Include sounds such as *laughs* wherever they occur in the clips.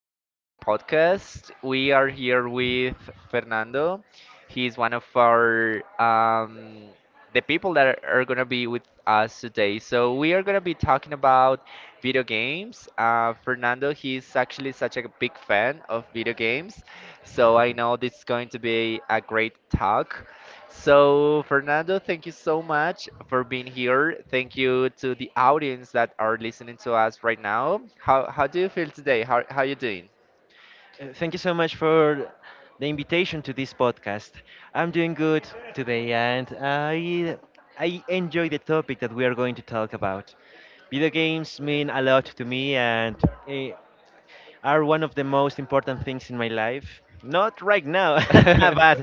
in today's podcast. We are here with Fernando. He's one of our the people that are gonna be with us today. So we are gonna be talking about video games. Fernando, he's actually such a big fan of video games, so I know this is going to be a great talk. So, Fernando, thank you so much for being here. Thank you to the audience that are listening to us right now. How do you feel today? How you doing? Thank you so much for the invitation to this podcast. I'm doing good today, and I enjoy the topic that we are going to talk about. Video games mean a lot to me and eh, are one of the most important things in my life. Not right now, *laughs* but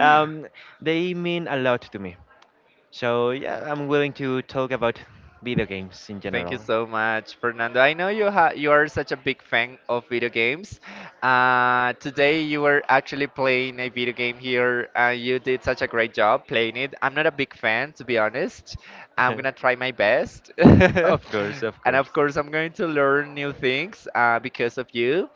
um, they mean a lot to me. So yeah, I'm willing to talk about video games in Thank you general. so much, Fernando. I know you are such a big fan of video games. Today you were actually playing a video game here, and you did such a great job playing it. I'm not a big fan, to be honest. I'm gonna try my *laughs* best, *laughs* Of course, of and course. of course I'm going to learn new things because of you.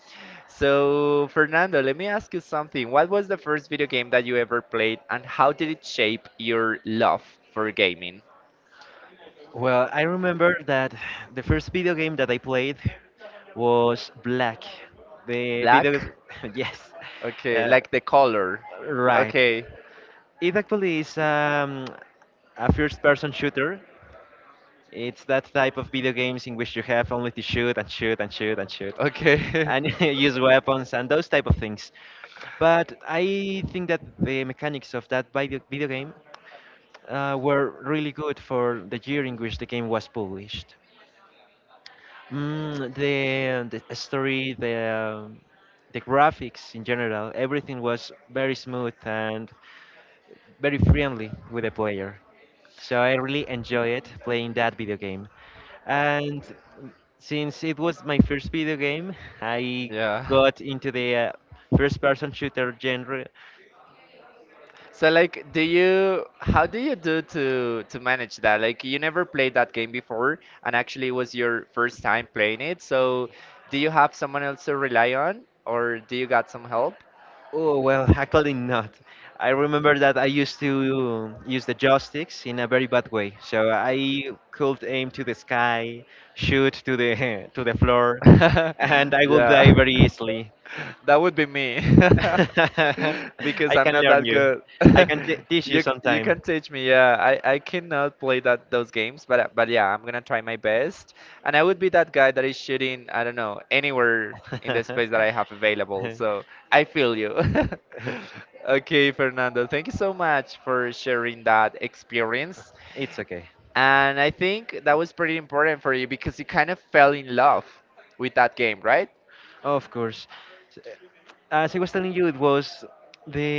So, Fernando, let me ask you something. What was the first video game that you ever played, and how did it shape your love for gaming? Well, I remember that *sighs* the first video game that I played was Black. The video is Black? *laughs* yes, Okay, uh, like the color. right. Okay, It actually is a first-person shooter. It's that type of video games in which you have only to shoot and shoot and shoot and shoot, okay. *laughs* and *laughs* use weapons and those type of things. But I think that the mechanics of that video game were really good for the year in which the game was published. The the story, the the graphics in general, everything was very smooth and very friendly with the player. So I really enjoy it playing that video game. And since it was my first video game, I Yeah. got into the first person shooter genre. So like do you how do you do to manage that? Like you never played that game before and actually it was your first time playing it. So do you have someone else to rely on or do you got some help? Oh, well, *laughs* actually not. I remember that I used to use the joysticks in a very bad way. So I could aim to the sky, shoot to the *laughs* to the floor, *laughs* and I would yeah, die *laughs* very easily. that would be me *laughs* *laughs* because I I'm can not learn that you. good. I can *laughs* teach you You can sometime. teach me. Yeah, I cannot play that those games, but yeah, I'm gonna try my best, and I would be that guy that is shooting. I don't know anywhere in the *laughs* space that I have available. So I feel you. *laughs* Okay, Fernando, thank you so much for sharing that experience. it's okay. And I think that was pretty important for you because you kind of fell in love with that game, right? Of course. S- As I was telling you, it was the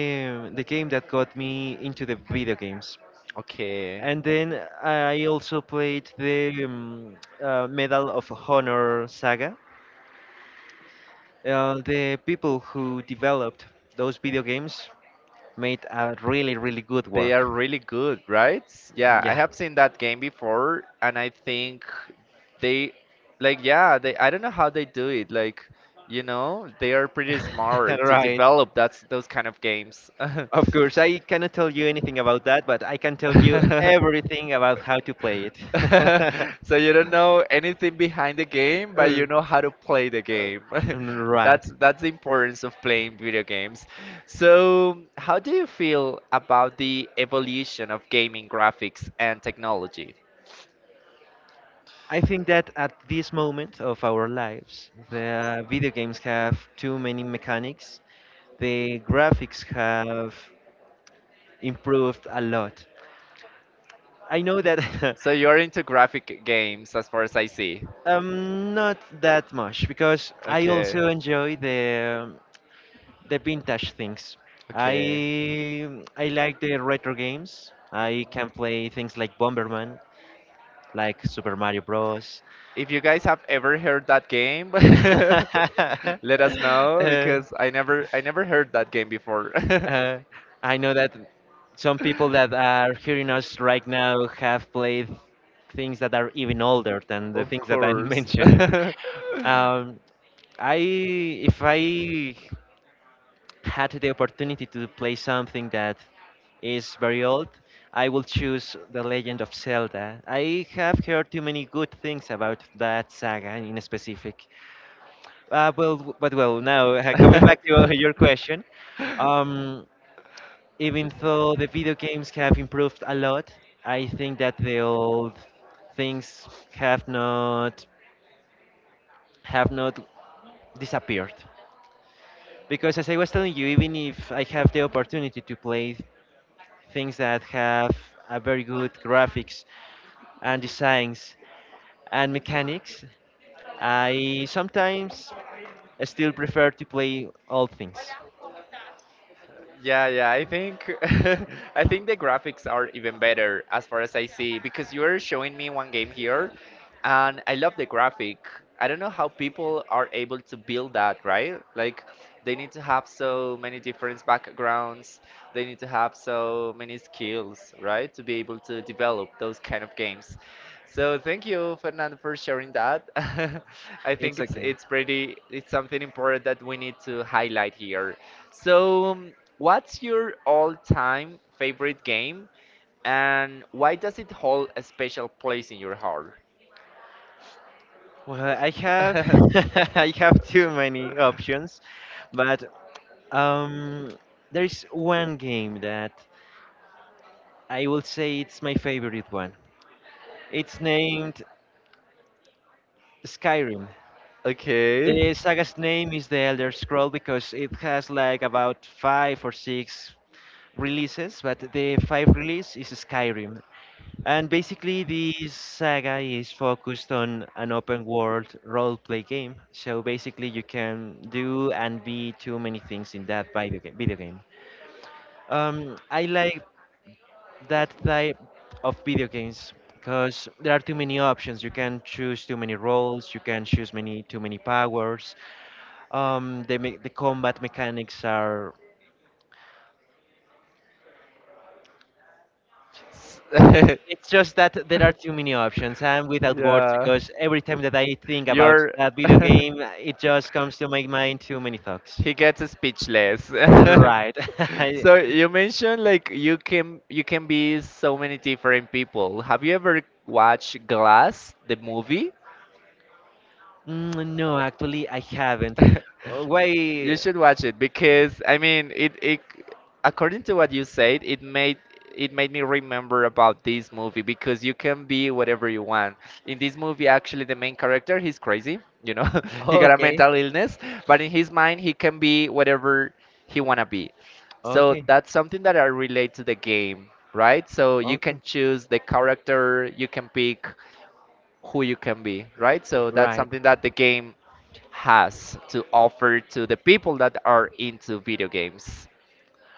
the game that got me into the video games. Okay. And then I also played the Medal of Honor saga. The people who developed those video games made a really, really good They are work. really good, right? Yeah, I Yeah. have seen that game before and I think they like yeah, they I don't know how they do it. Like, you know, they are pretty *laughs* smart to right. develop that's those kind of games. *laughs* Of course, I cannot tell you anything about that, but I can tell you *laughs* everything about how to play it. *laughs* *laughs* So you don't know anything behind the game, but you know how to play the game. *laughs* Mm, right. That's the importance of playing video games. So, how do you feel about the evolution of gaming graphics and technology? I think that at this moment of our lives, the video games have too many mechanics. The graphics have improved a lot. I know that *laughs* So you're into graphic games as far as I see. Not that much because I Okay. also enjoy the vintage things. Okay. I like the retro games. I can play things like Bomberman, like Super Mario Bros. If you guys have ever heard that game, *laughs* *laughs* let us know Uh, because I never heard that game before. uh, I know that some people that *laughs* are hearing us right now have played things that are even older than the Of things that I'm *laughs* course. *laughs* *laughs* mentioning. Um, I if I had the opportunity to play something that is very old, I will choose The Legend of Zelda. I have heard too many good things about that saga in specific. But well, now *laughs* coming back to *laughs* your question, um, even though the video games have improved a lot, I think that the old things have not disappeared. Because as I was telling you, even if I have the opportunity to play things that have a very good graphics and designs and mechanics. I sometimes still prefer to play all things. Yeah, yeah, I think *laughs* I think the graphics are even better as far as I see because you are showing me one game here and I love the graphic. I don't know how people are able to build that, right? Like they need to have so many different backgrounds. They need to have so many skills, right, to be able to develop those kind of games. So thank you, Fernando, for sharing that. *laughs* I It's think it's okay. it's pretty it's something important that we need to highlight here. So, what's your all-time favorite game, and why does it hold a special place in your heart? Well, I have *laughs* *laughs* I have too many options, but um, there is one game that I will say it's my favorite one. It's named Skyrim. Okay. S- The saga's name is The Elder Scroll because it has like about five or six releases, but the five release is Skyrim. And basically, this saga is focused on an open world role play game. So basically, you can do and be too many things in that video game. Video game. I like that type of video games because there are too many options. You can choose too many roles. You can choose many too many powers. The combat mechanics are it's just *laughs* that there are too many options. I'm without words Yeah. because every time that I think about You're that video *laughs* game, it just comes to my mind too many thoughts. He gets speechless. *laughs* Right. *laughs* I- So you mentioned like you can be so many different people. Have you ever watched Glass, the movie? Mm, no, actually, I haven't. *laughs* You Why? should watch it because I mean it according to what you said, it made me remember about this movie because you can be whatever you want. In this movie, actually, the main character he's crazy, you know, *laughs* he got a Okay. mental illness, but in his mind, he can be whatever he wanna be. So Okay. that's something that I relate to the game, right? So you Okay. can choose the character, you can pick who you can be, right? So that's Right. something that the game has to offer to the people that are into video games.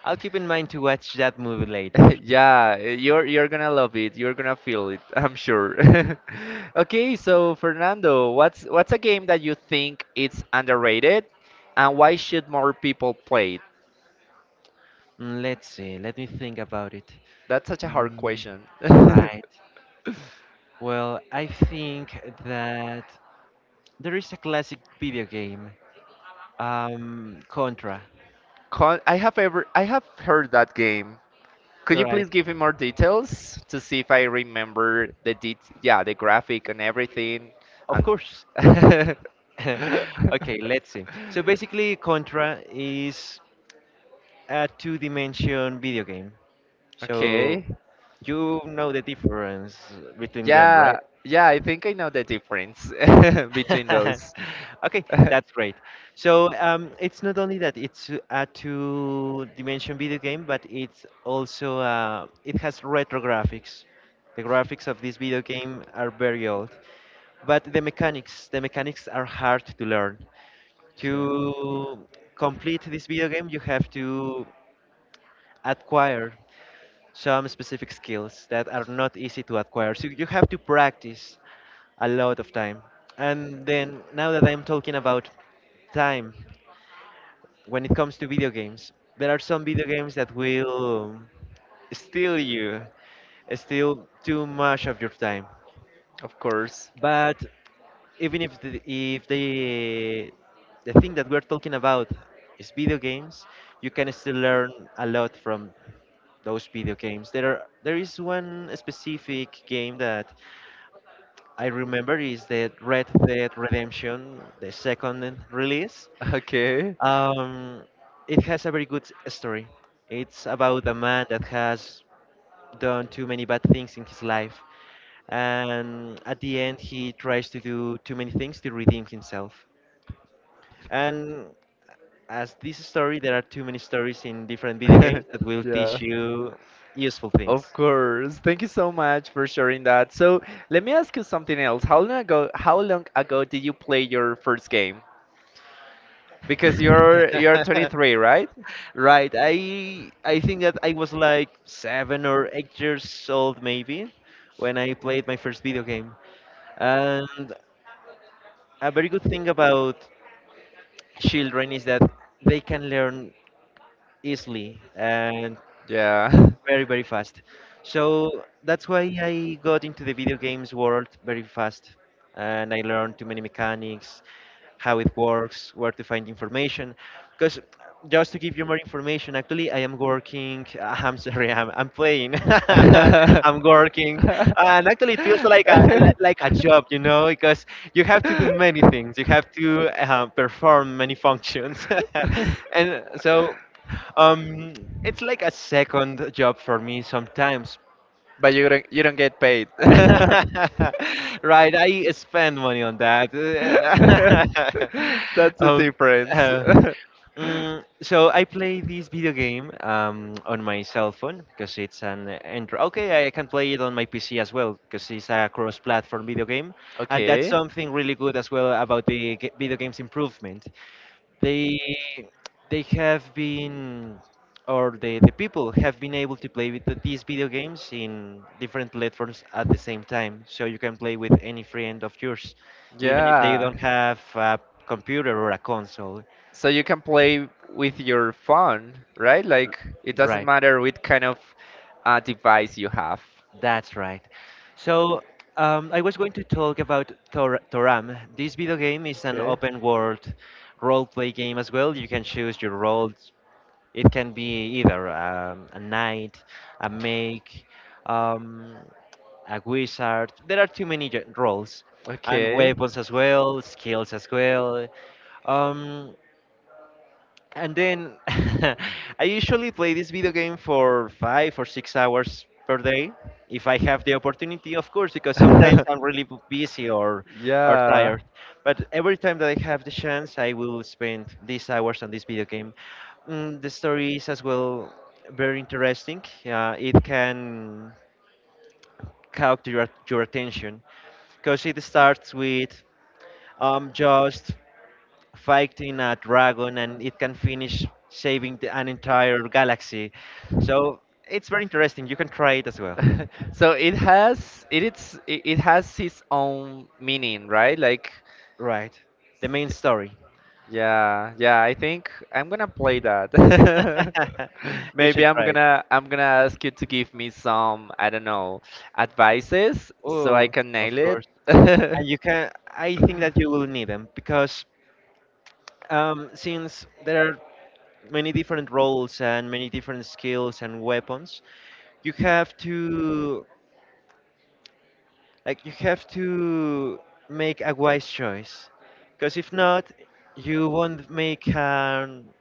I'll keep in mind to watch that movie later. *laughs* Yeah, you're gonna love it. You're gonna feel it, I'm sure. *laughs* Okay, so Fernando, what's a game that you think it's underrated and why should more people play it? Mm, let's see. Let me think about it. That's such a hard Mm, question. *laughs* right. Well, I think that there is a classic video game, Contra. Con I have heard that game. Could you Right. please give me more details to see if I remember the det yeah, the graphic and everything Of and course. *laughs* *laughs* Okay, let's see. So basically, Contra is a two-dimension video game. So Okay. you know the difference between them, Yeah, right? yeah, I think I know the difference *laughs* between *laughs* those. okay, *laughs* that's great. So it's not only that it's a two-dimension video game, but it's also it has retro graphics. The graphics of this video game are very old, but the mechanics are hard to learn. Okay. To complete this video game, you have to acquire some specific skills that are not easy to acquire. So you have to practice a lot of time. And then now that I'm talking about time, when it comes to video games, there are some video games that will steal you, steal too much of your time. Of course. But even if the thing that we're talking about is video games, you can still learn a lot from those video games. There is one specific game that I remember is the Red Dead Redemption, the second release. Okay. Um, it has a very good story. It's about a man that has done too many bad things in his life, and at the end he tries to do too many things to redeem himself. And as this story, there are too many stories in different video games that *laughs* will Yeah. teach you useful things. Of course. Thank you so much for sharing that. So let me ask you something else. How long ago did you play your first game? Because you're 23, *laughs* right? Right. I think that I was like 7 or 8 years old maybe when I played my first video game. And a very good thing about children is that they can learn easily. And Yeah. very very fast, so that's why I got into the video games world very fast and I learned too many mechanics, how it works, where to find information. Because just to give you more information, actually I am working *laughs* I'm sorry, I'm *laughs* *laughs* playing *laughs* I'm working, and actually it feels like a like a job, *laughs* you know, because you have to do many things, you have to perform many functions *laughs* and so um, it's like a second job for me sometimes. but you don't get paid. *laughs* *laughs* Right, I spend money on that. *laughs* That's the Um, difference. uh, *laughs* so I play this video game on my cell phone because it's an Android. Okay, I can play it on my PC as well because it's a cross-platform video game, and that's okay. something really good as well about the g video game's improvement. They they have been or the people have been able to play with these video games in different platforms at the same time, so you can play with any friend of yours even if they Yeah. don't have a computer or a console So you can play with your phone, right? Like it doesn't right matter what kind of device you have. that's right. So I was going to talk about toram. This video game is an Okay. open world role play game as well, you can choose your role. It can be either a knight, a mage, um, a wizard. There are too many roles, and Okay. weapons as well, skills as well. Um, and then *laughs* I usually play this video game for 5 or 6 hours per day if I have the opportunity, of course, because sometimes I'm really *laughs* busy or yeah. tired. But every time that I have the chance, I will spend these hours on this video game. Mm, the story is as well very interesting. It can capture your attention because it starts with just fighting a dragon and it can finish saving an entire galaxy. So it's very interesting. You can try it as well. *laughs* so it has it it's it it has its own meaning, right? Like Right. The main story. Yeah, yeah, I think I'm gonna play that. *laughs* *laughs* you Maybe should try it. I'm gonna ask you to give me some, I don't know, advices so I Oh, can of nail it. course. And you *laughs* can. I think that you will need them because since there are many different roles and many different skills and weapons, you have to like you have to make a wise choice, because if not, you won't make an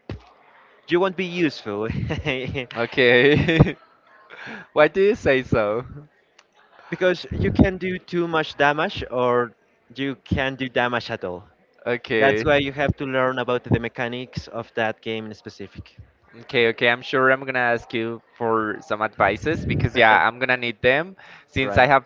you won't be useful Okay. *laughs* Why do you say so? *laughs* because you can do too much damage or you can do damage at all. Okay. That's why you have to learn about the mechanics of that game in specific. Okay, okay. I'm sure I'm gonna ask you for some advices because yeah, I'm *laughs* gonna need them since I right. have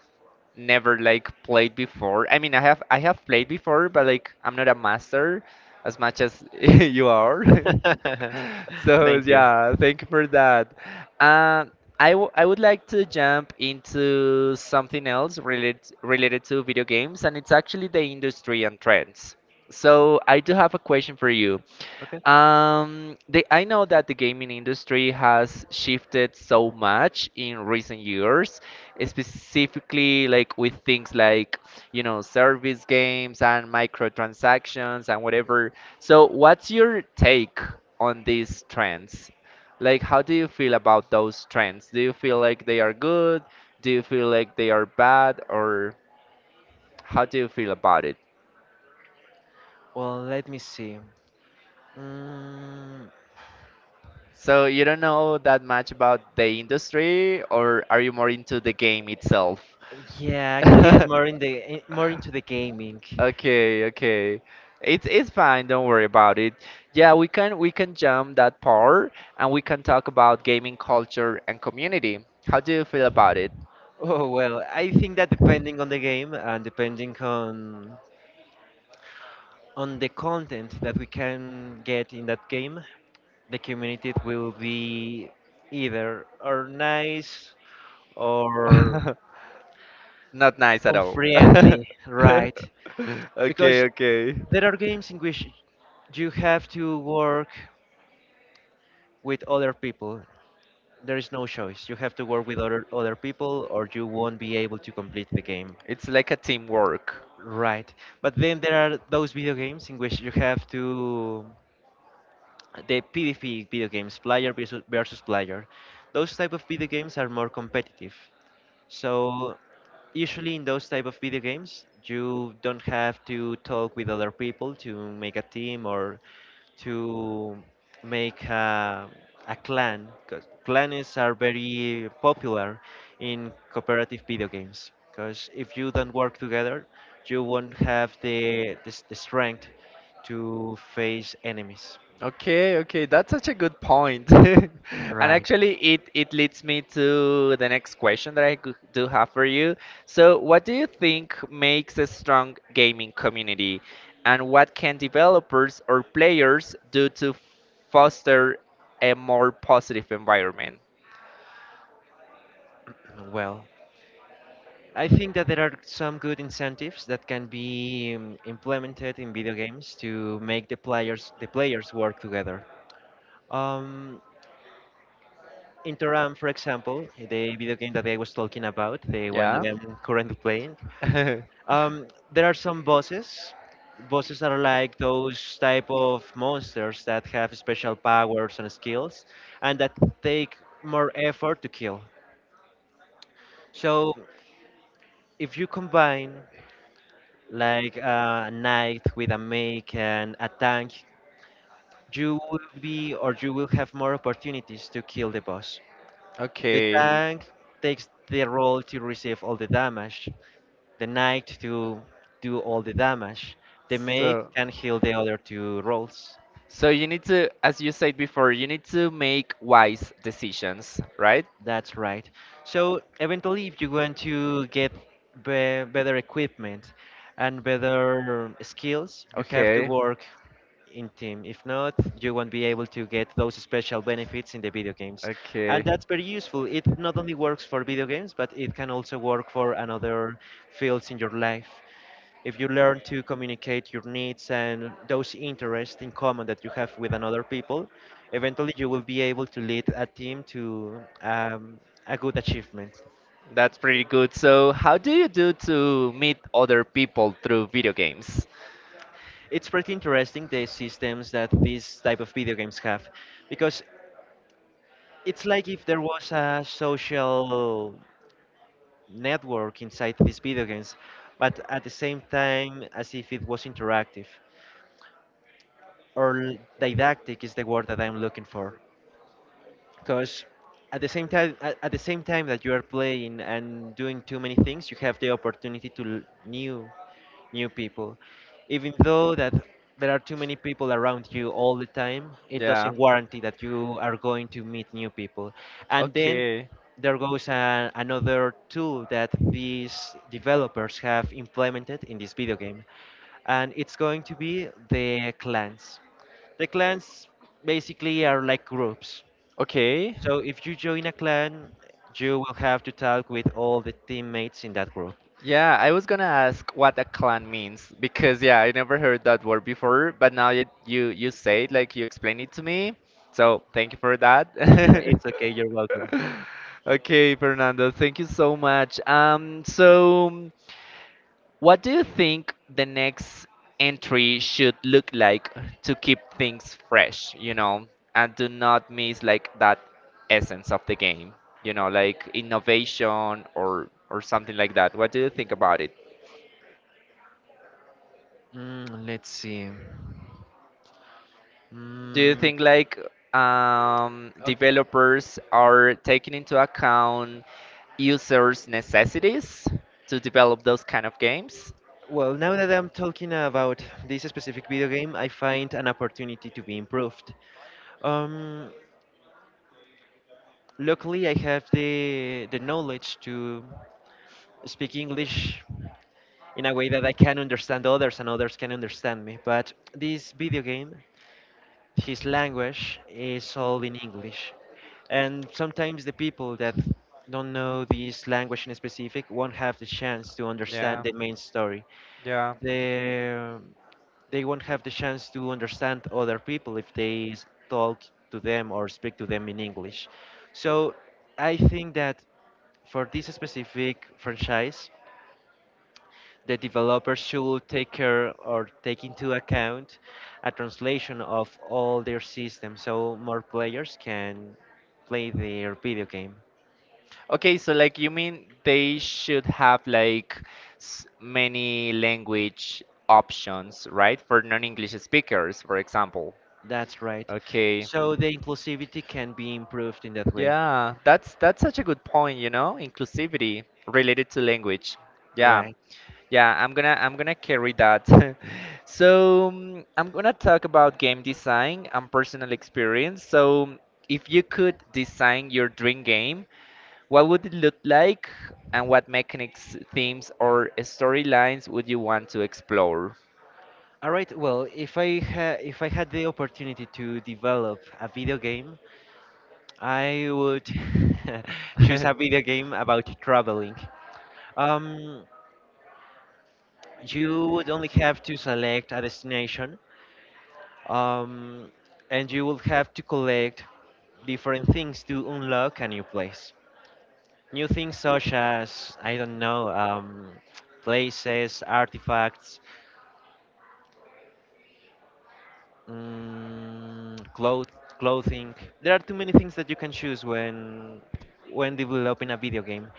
never like played before. I mean, I have played before, but like I'm not a master as much as *laughs* you are. *laughs* *laughs* So Thank you. yeah, thank you for that. Uh, I would like to jump into something else related to video games, and it's actually the industry and trends. So I do have a question for you. Okay. I know that the gaming industry has shifted so much in recent years, specifically like with things like, you know, service games and microtransactions and whatever. So what's your take on these trends? Like, how do you feel about those trends? Do you feel like they are good? Do you feel like they are bad? Or how do you feel about it? Well, let me see. Mm, So you don't know that much about the industry, or are you more into the game itself? yeah, actually, I'm more *laughs* in the more into the gaming. Okay, okay. It's fine, don't worry about it. Yeah, we can jump that part and we can talk about gaming culture and community. How do you feel about it? Oh well, I think that depending on the game and depending on the content that we can get in that game, the community will be either or nice or *laughs* Not nice at all. unfriendly, *laughs* right? Okay, Because okay. there are games in which you have to work with other people. There is no choice. You have to work with other people, or you won't be able to complete the game, It's like a teamwork. right? But then there are those video games in which you have to the PvP video games, player versus player, those type of video games are more competitive. So usually in those type of video games, you don't have to talk with other people to make a team or to make a clan. 'Cause clans are very popular in cooperative video games. Because if you don't work together, you won't have the strength to face enemies. Okay, okay, that's such a good point. *laughs* And Right. actually, it leads me to the next question that do have for you. So, what do you think makes a strong gaming community, and what can developers or players do to foster a more positive environment? Well, I think that there are some good incentives that can be implemented in video games to make the players work together. Um, Interam, for example, the video game that I was talking about, the one that Yeah. I'm currently playing. *laughs* Um, there are some bosses. Bosses are like those type of monsters that have special powers and skills, and that take more effort to kill. So if you combine like a knight with a mech and a tank, you will be or you will have more opportunities to kill the boss. The Okay. tank takes the role to receive all the damage, the knight to do all the damage, the mage So, can heal the other two roles. so you need to, as you said before, you need to make wise decisions, right? That's right. So eventually, if you want to get better equipment and better skills, you have to Okay. work in team. If not, you won't be able to get those special benefits in the video games. Okay. And that's very useful. It not only works for video games, but it can also work for another fields in your life. If you learn to communicate your needs and those interests in common that you have with another people, eventually you will be able to lead a team to a good achievement. That's pretty good. So, how do you do to meet other people through video games? It's pretty interesting the systems that these type of video games have, because it's like if there was a social network inside these video games, but at the same time as if it was interactive or didactic is the word that I'm looking for. Because at the same time, at the same time that you are playing and doing too many things, you have the opportunity to new people. Even though that there are too many people around you all the time, it Yeah. doesn't guarantee that you are going to meet new people. And then Okay. there goes another tool that these developers have implemented in this video game, and it's going to be the clans. The clans basically are like groups. Okay. So if you join a clan, you will have to talk with all the teammates in that group. Yeah, I was gonna ask what a clan means because yeah, I never heard that word before, but now you say it like you explain it to me. So, thank you for that. *laughs* it's okay, you're *laughs* welcome. Okay, Fernando, thank you so much. So what do you think the next entry should look like to keep things fresh, you know, and do not miss like that essence of the game, you know, like innovation or something like that. What do you think about it? Mm, let's see. Do you Mm, think like developers are taking into account users' necessities to develop those kind of games? well, now that I'm talking about this specific video game, I find an opportunity to be improved. Um, luckily, I have the knowledge to speak English in a way that I can understand others and others can understand me. But this video game his language is all in English. And sometimes the people that don't know this language in specific won't have the chance to understand Yeah, the main story. yeah. They, they won't have the chance to understand other people if they talk to them or speak to them in English. So I think that for this specific franchise, the developer should take care or take into account a translation of all their systems so more players can play their video game. Okay, so like you mean they should have like many language options, right? For non-English speakers, for example. That's right. Okay. So the inclusivity can be improved in that way. Yeah, that's such a good point, you know, inclusivity related to language. Yeah. Right. Yeah, I'm gonna carry that. *laughs* So, I'm gonna talk about game design and personal experience. So, if you could design your dream game, what would it look like, and what mechanics, themes, or storylines would you want to explore? All right. Well, if I had the opportunity to develop a video game, I would *laughs* choose a video game *laughs* about traveling. Um, you would only have to select a destination um, and you will have to collect different things to unlock a new place. New things such as I don't know places, artifacts, mm, clothing. There are too many things that you can choose when developing a video game.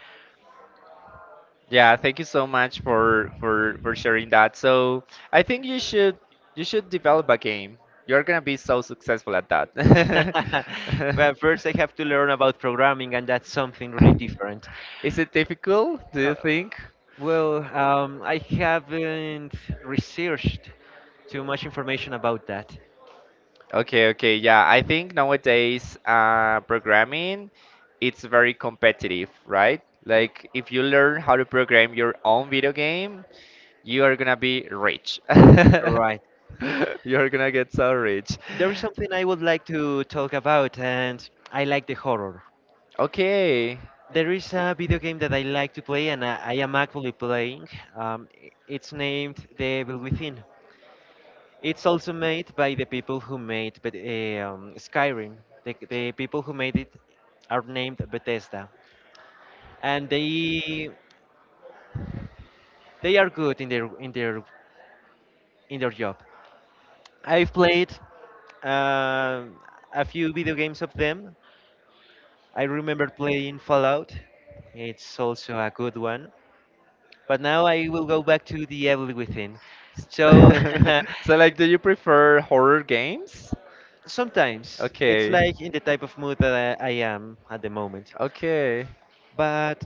Yeah, thank you so much for sharing that. So I think you should develop a game. You're gonna be so successful at that. *laughs* *laughs* but first, I have to learn about programming, and that's something really different. Is it difficult, do Uh, you think? well, I haven't researched too much information about that. Okay, okay, yeah. I think nowadays programming it's very competitive, right? Like if you learn how to program your own video game, you are gonna be rich. *laughs* Right. You're gonna get so rich. There is something I would like to talk about, and I like the horror. Okay. There is a video game that I like to play, and I am actually playing. It's named The Evil Within. It's also made by the people who made Skyrim. The people who made it are named Bethesda, and they are good in their job. I've played um a few video games of them. I remember playing Fallout. It's also a good one. But now I will go back to the Evil Within. S- So *laughs* So like, do you prefer horror games? *laughs* sometimes it's Okay, like in the type of mood that I am at the moment. okay, But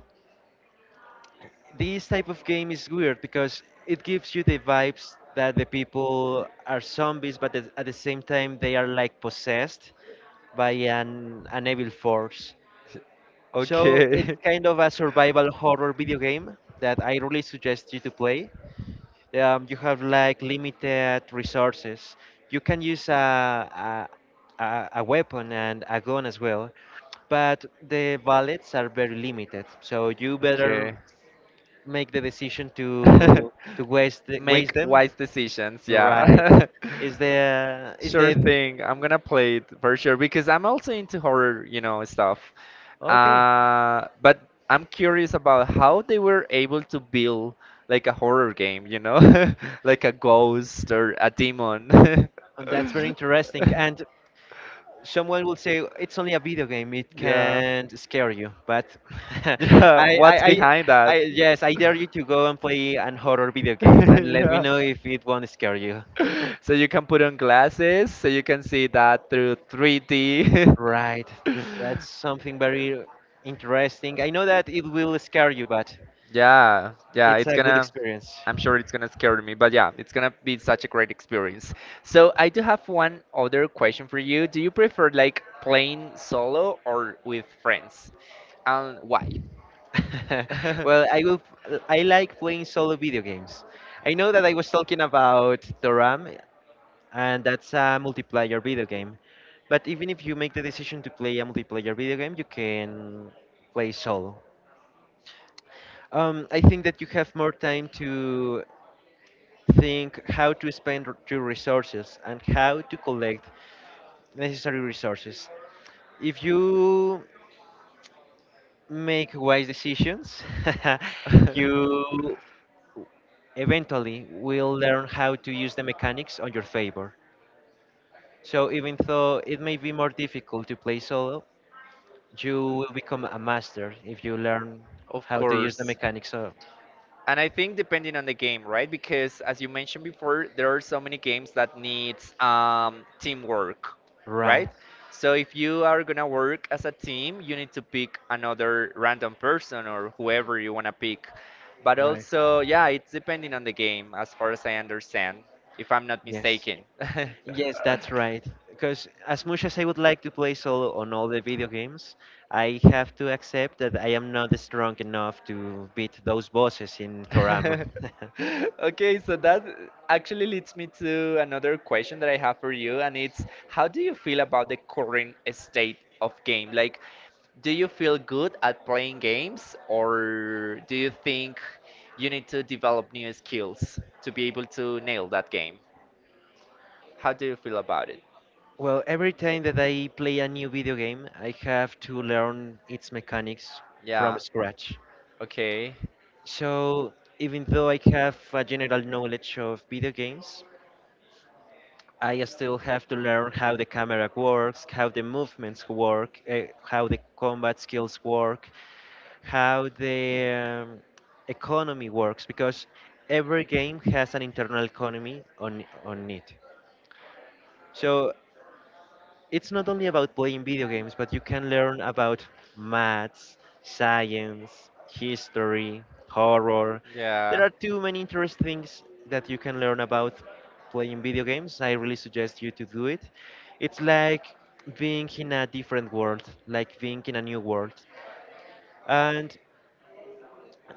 this type of game is weird because it gives you the vibes that the people are zombies, but at the same time they are like possessed by an evil force. So it's okay. kind of a survival horror video game that I really suggest you to play. You have like limited resources. You *laughs* can use a a weapon and a gun as well, but the bullets are very limited. So you better Okay. make the decision to *laughs* Make waste them. wise decisions, Right? yeah. *laughs* Is Sure the thing. I'm gonna play it for sure because I'm also into horror, you know, stuff. Okay? But I'm curious about how they were able to build like a horror game, you know, *laughs* like a ghost or a demon. *laughs* That's very interesting. And someone will say it's only a video game, it Yeah. can't scare you, but *laughs* I, Yeah, I what's I behind I that? yes, I *laughs* dare you to go and play an horror video game and let me Yeah. know if it won't scare you. *laughs* So you can put on glasses, so you can see that through 3D. *laughs* Right, that's something very interesting. I know that it will scare you, but Yeah, it's a good experience. I'm sure it's gonna scare me, but yeah, it's gonna be such a great experience. So I do have one other question for you. Do you prefer like playing solo or with friends? And why? *laughs* well, I like playing solo video games. I know that I was talking about the Ram, *laughs* and that's a multiplayer video game. But even if you make the decision to play a multiplayer video game, you can play solo. I think that you have more time to think how to spend your resources and how to collect necessary resources. If you make wise decisions, *laughs* *laughs* you eventually will learn how to use the mechanics on your favor. So even though it may be more difficult to play solo, you will become a master if you learn Of how to use the course. mechanics of. And I think depending on the game, right? Because as you mentioned before, there are so many games that needs teamwork, right? Right. So if you are gonna work as a team, you need to pick another random person or whoever you wanna pick. But also, yeah, Right. it's depending on the game, as far as I understand, if I'm not Yes. mistaken. *laughs* Yes, that's right, because as much as I would like to play solo on all the video games, I have to accept that I am not strong enough to beat those bosses in Torama. *laughs* *laughs* Okay, so that actually leads me to another question that I have for you, and it's how do you feel about the current state of game? Like, do you feel good at playing games, or do you think you need to develop new skills to be able to nail that game? How do you feel about it? well, every time that I play a new video game, I have to learn its mechanics from Yeah, scratch. okay. So even though I have a general knowledge of video games, I still have to learn how the camera works, how the movements work, how the combat skills work, how the economy works, because every game has an internal economy on it. So it's not only about playing video games, but you can learn about maths, science, history, horror. There Yeah, are too many interesting things that you can learn about playing video games. I really suggest you to do it. It's like being in a different world, like being in a new world. And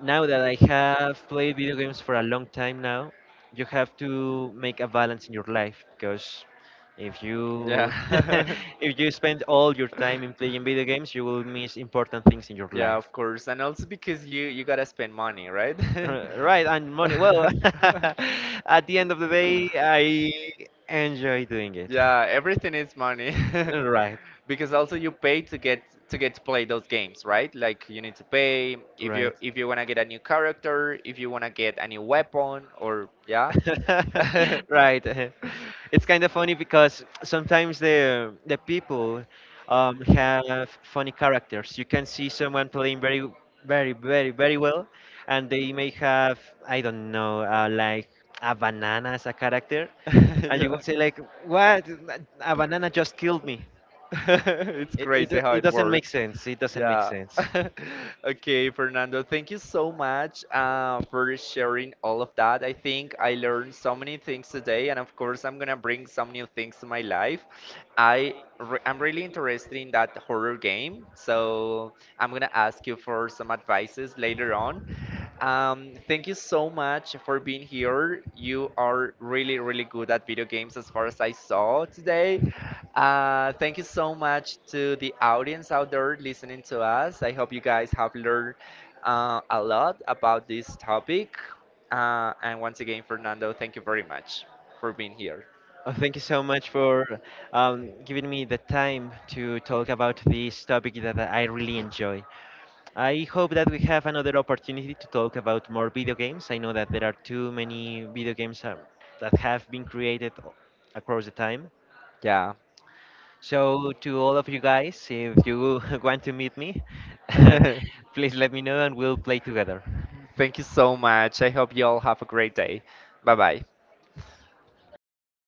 now that I have played video games for a long time now, you have to make a balance in your life because if you *laughs* yeah. if you spend all your time in playing video games, you will *laughs* miss important things in your Yeah, life. of course. And also because you gotta spend money, right? *laughs* R- Right, and money. Well, *laughs* *laughs* at the end of the day, I enjoy doing it. Yeah, everything is money. *laughs* Because also you pay to get to play those games, right? Like you need to pay if Right, you right. if you wanna get a new character, if you wanna get a new weapon or yeah. *laughs* *laughs* right. *laughs* It's kind of funny because sometimes the people have funny characters. You can see someone playing very, very, very, very well, and they may have I don't know, like a banana as a character, *laughs* and you yeah. will say like, "What? A banana just killed me." *laughs* it's crazy how it it doesn't make works. sense. It doesn't make Yeah. sense. *laughs* Okay, Fernando, thank you so much for sharing all of that. I think I learned so many things today, and of course, I'm gonna bring some new things to my life. I'm really interested in that horror game, so I'm gonna ask you for some advices later on. Thank you so much for being here. You are really, really good at video games as far as I saw today. Thank you so much to the audience out there listening to us. I hope you guys have learned a lot about this topic. And once again, Fernando, thank you very much for being here. Oh, thank you so much for giving me the time to talk about this topic that I really enjoy. I hope that we have another opportunity to talk about more video games. I know that there are too many video games that have been created across the time. Yeah. So, to all of you guys, if you *laughs* want to meet me, *laughs* thank *laughs* please let me know and we'll play together. you so much. I hope you all have a great day. Bye bye.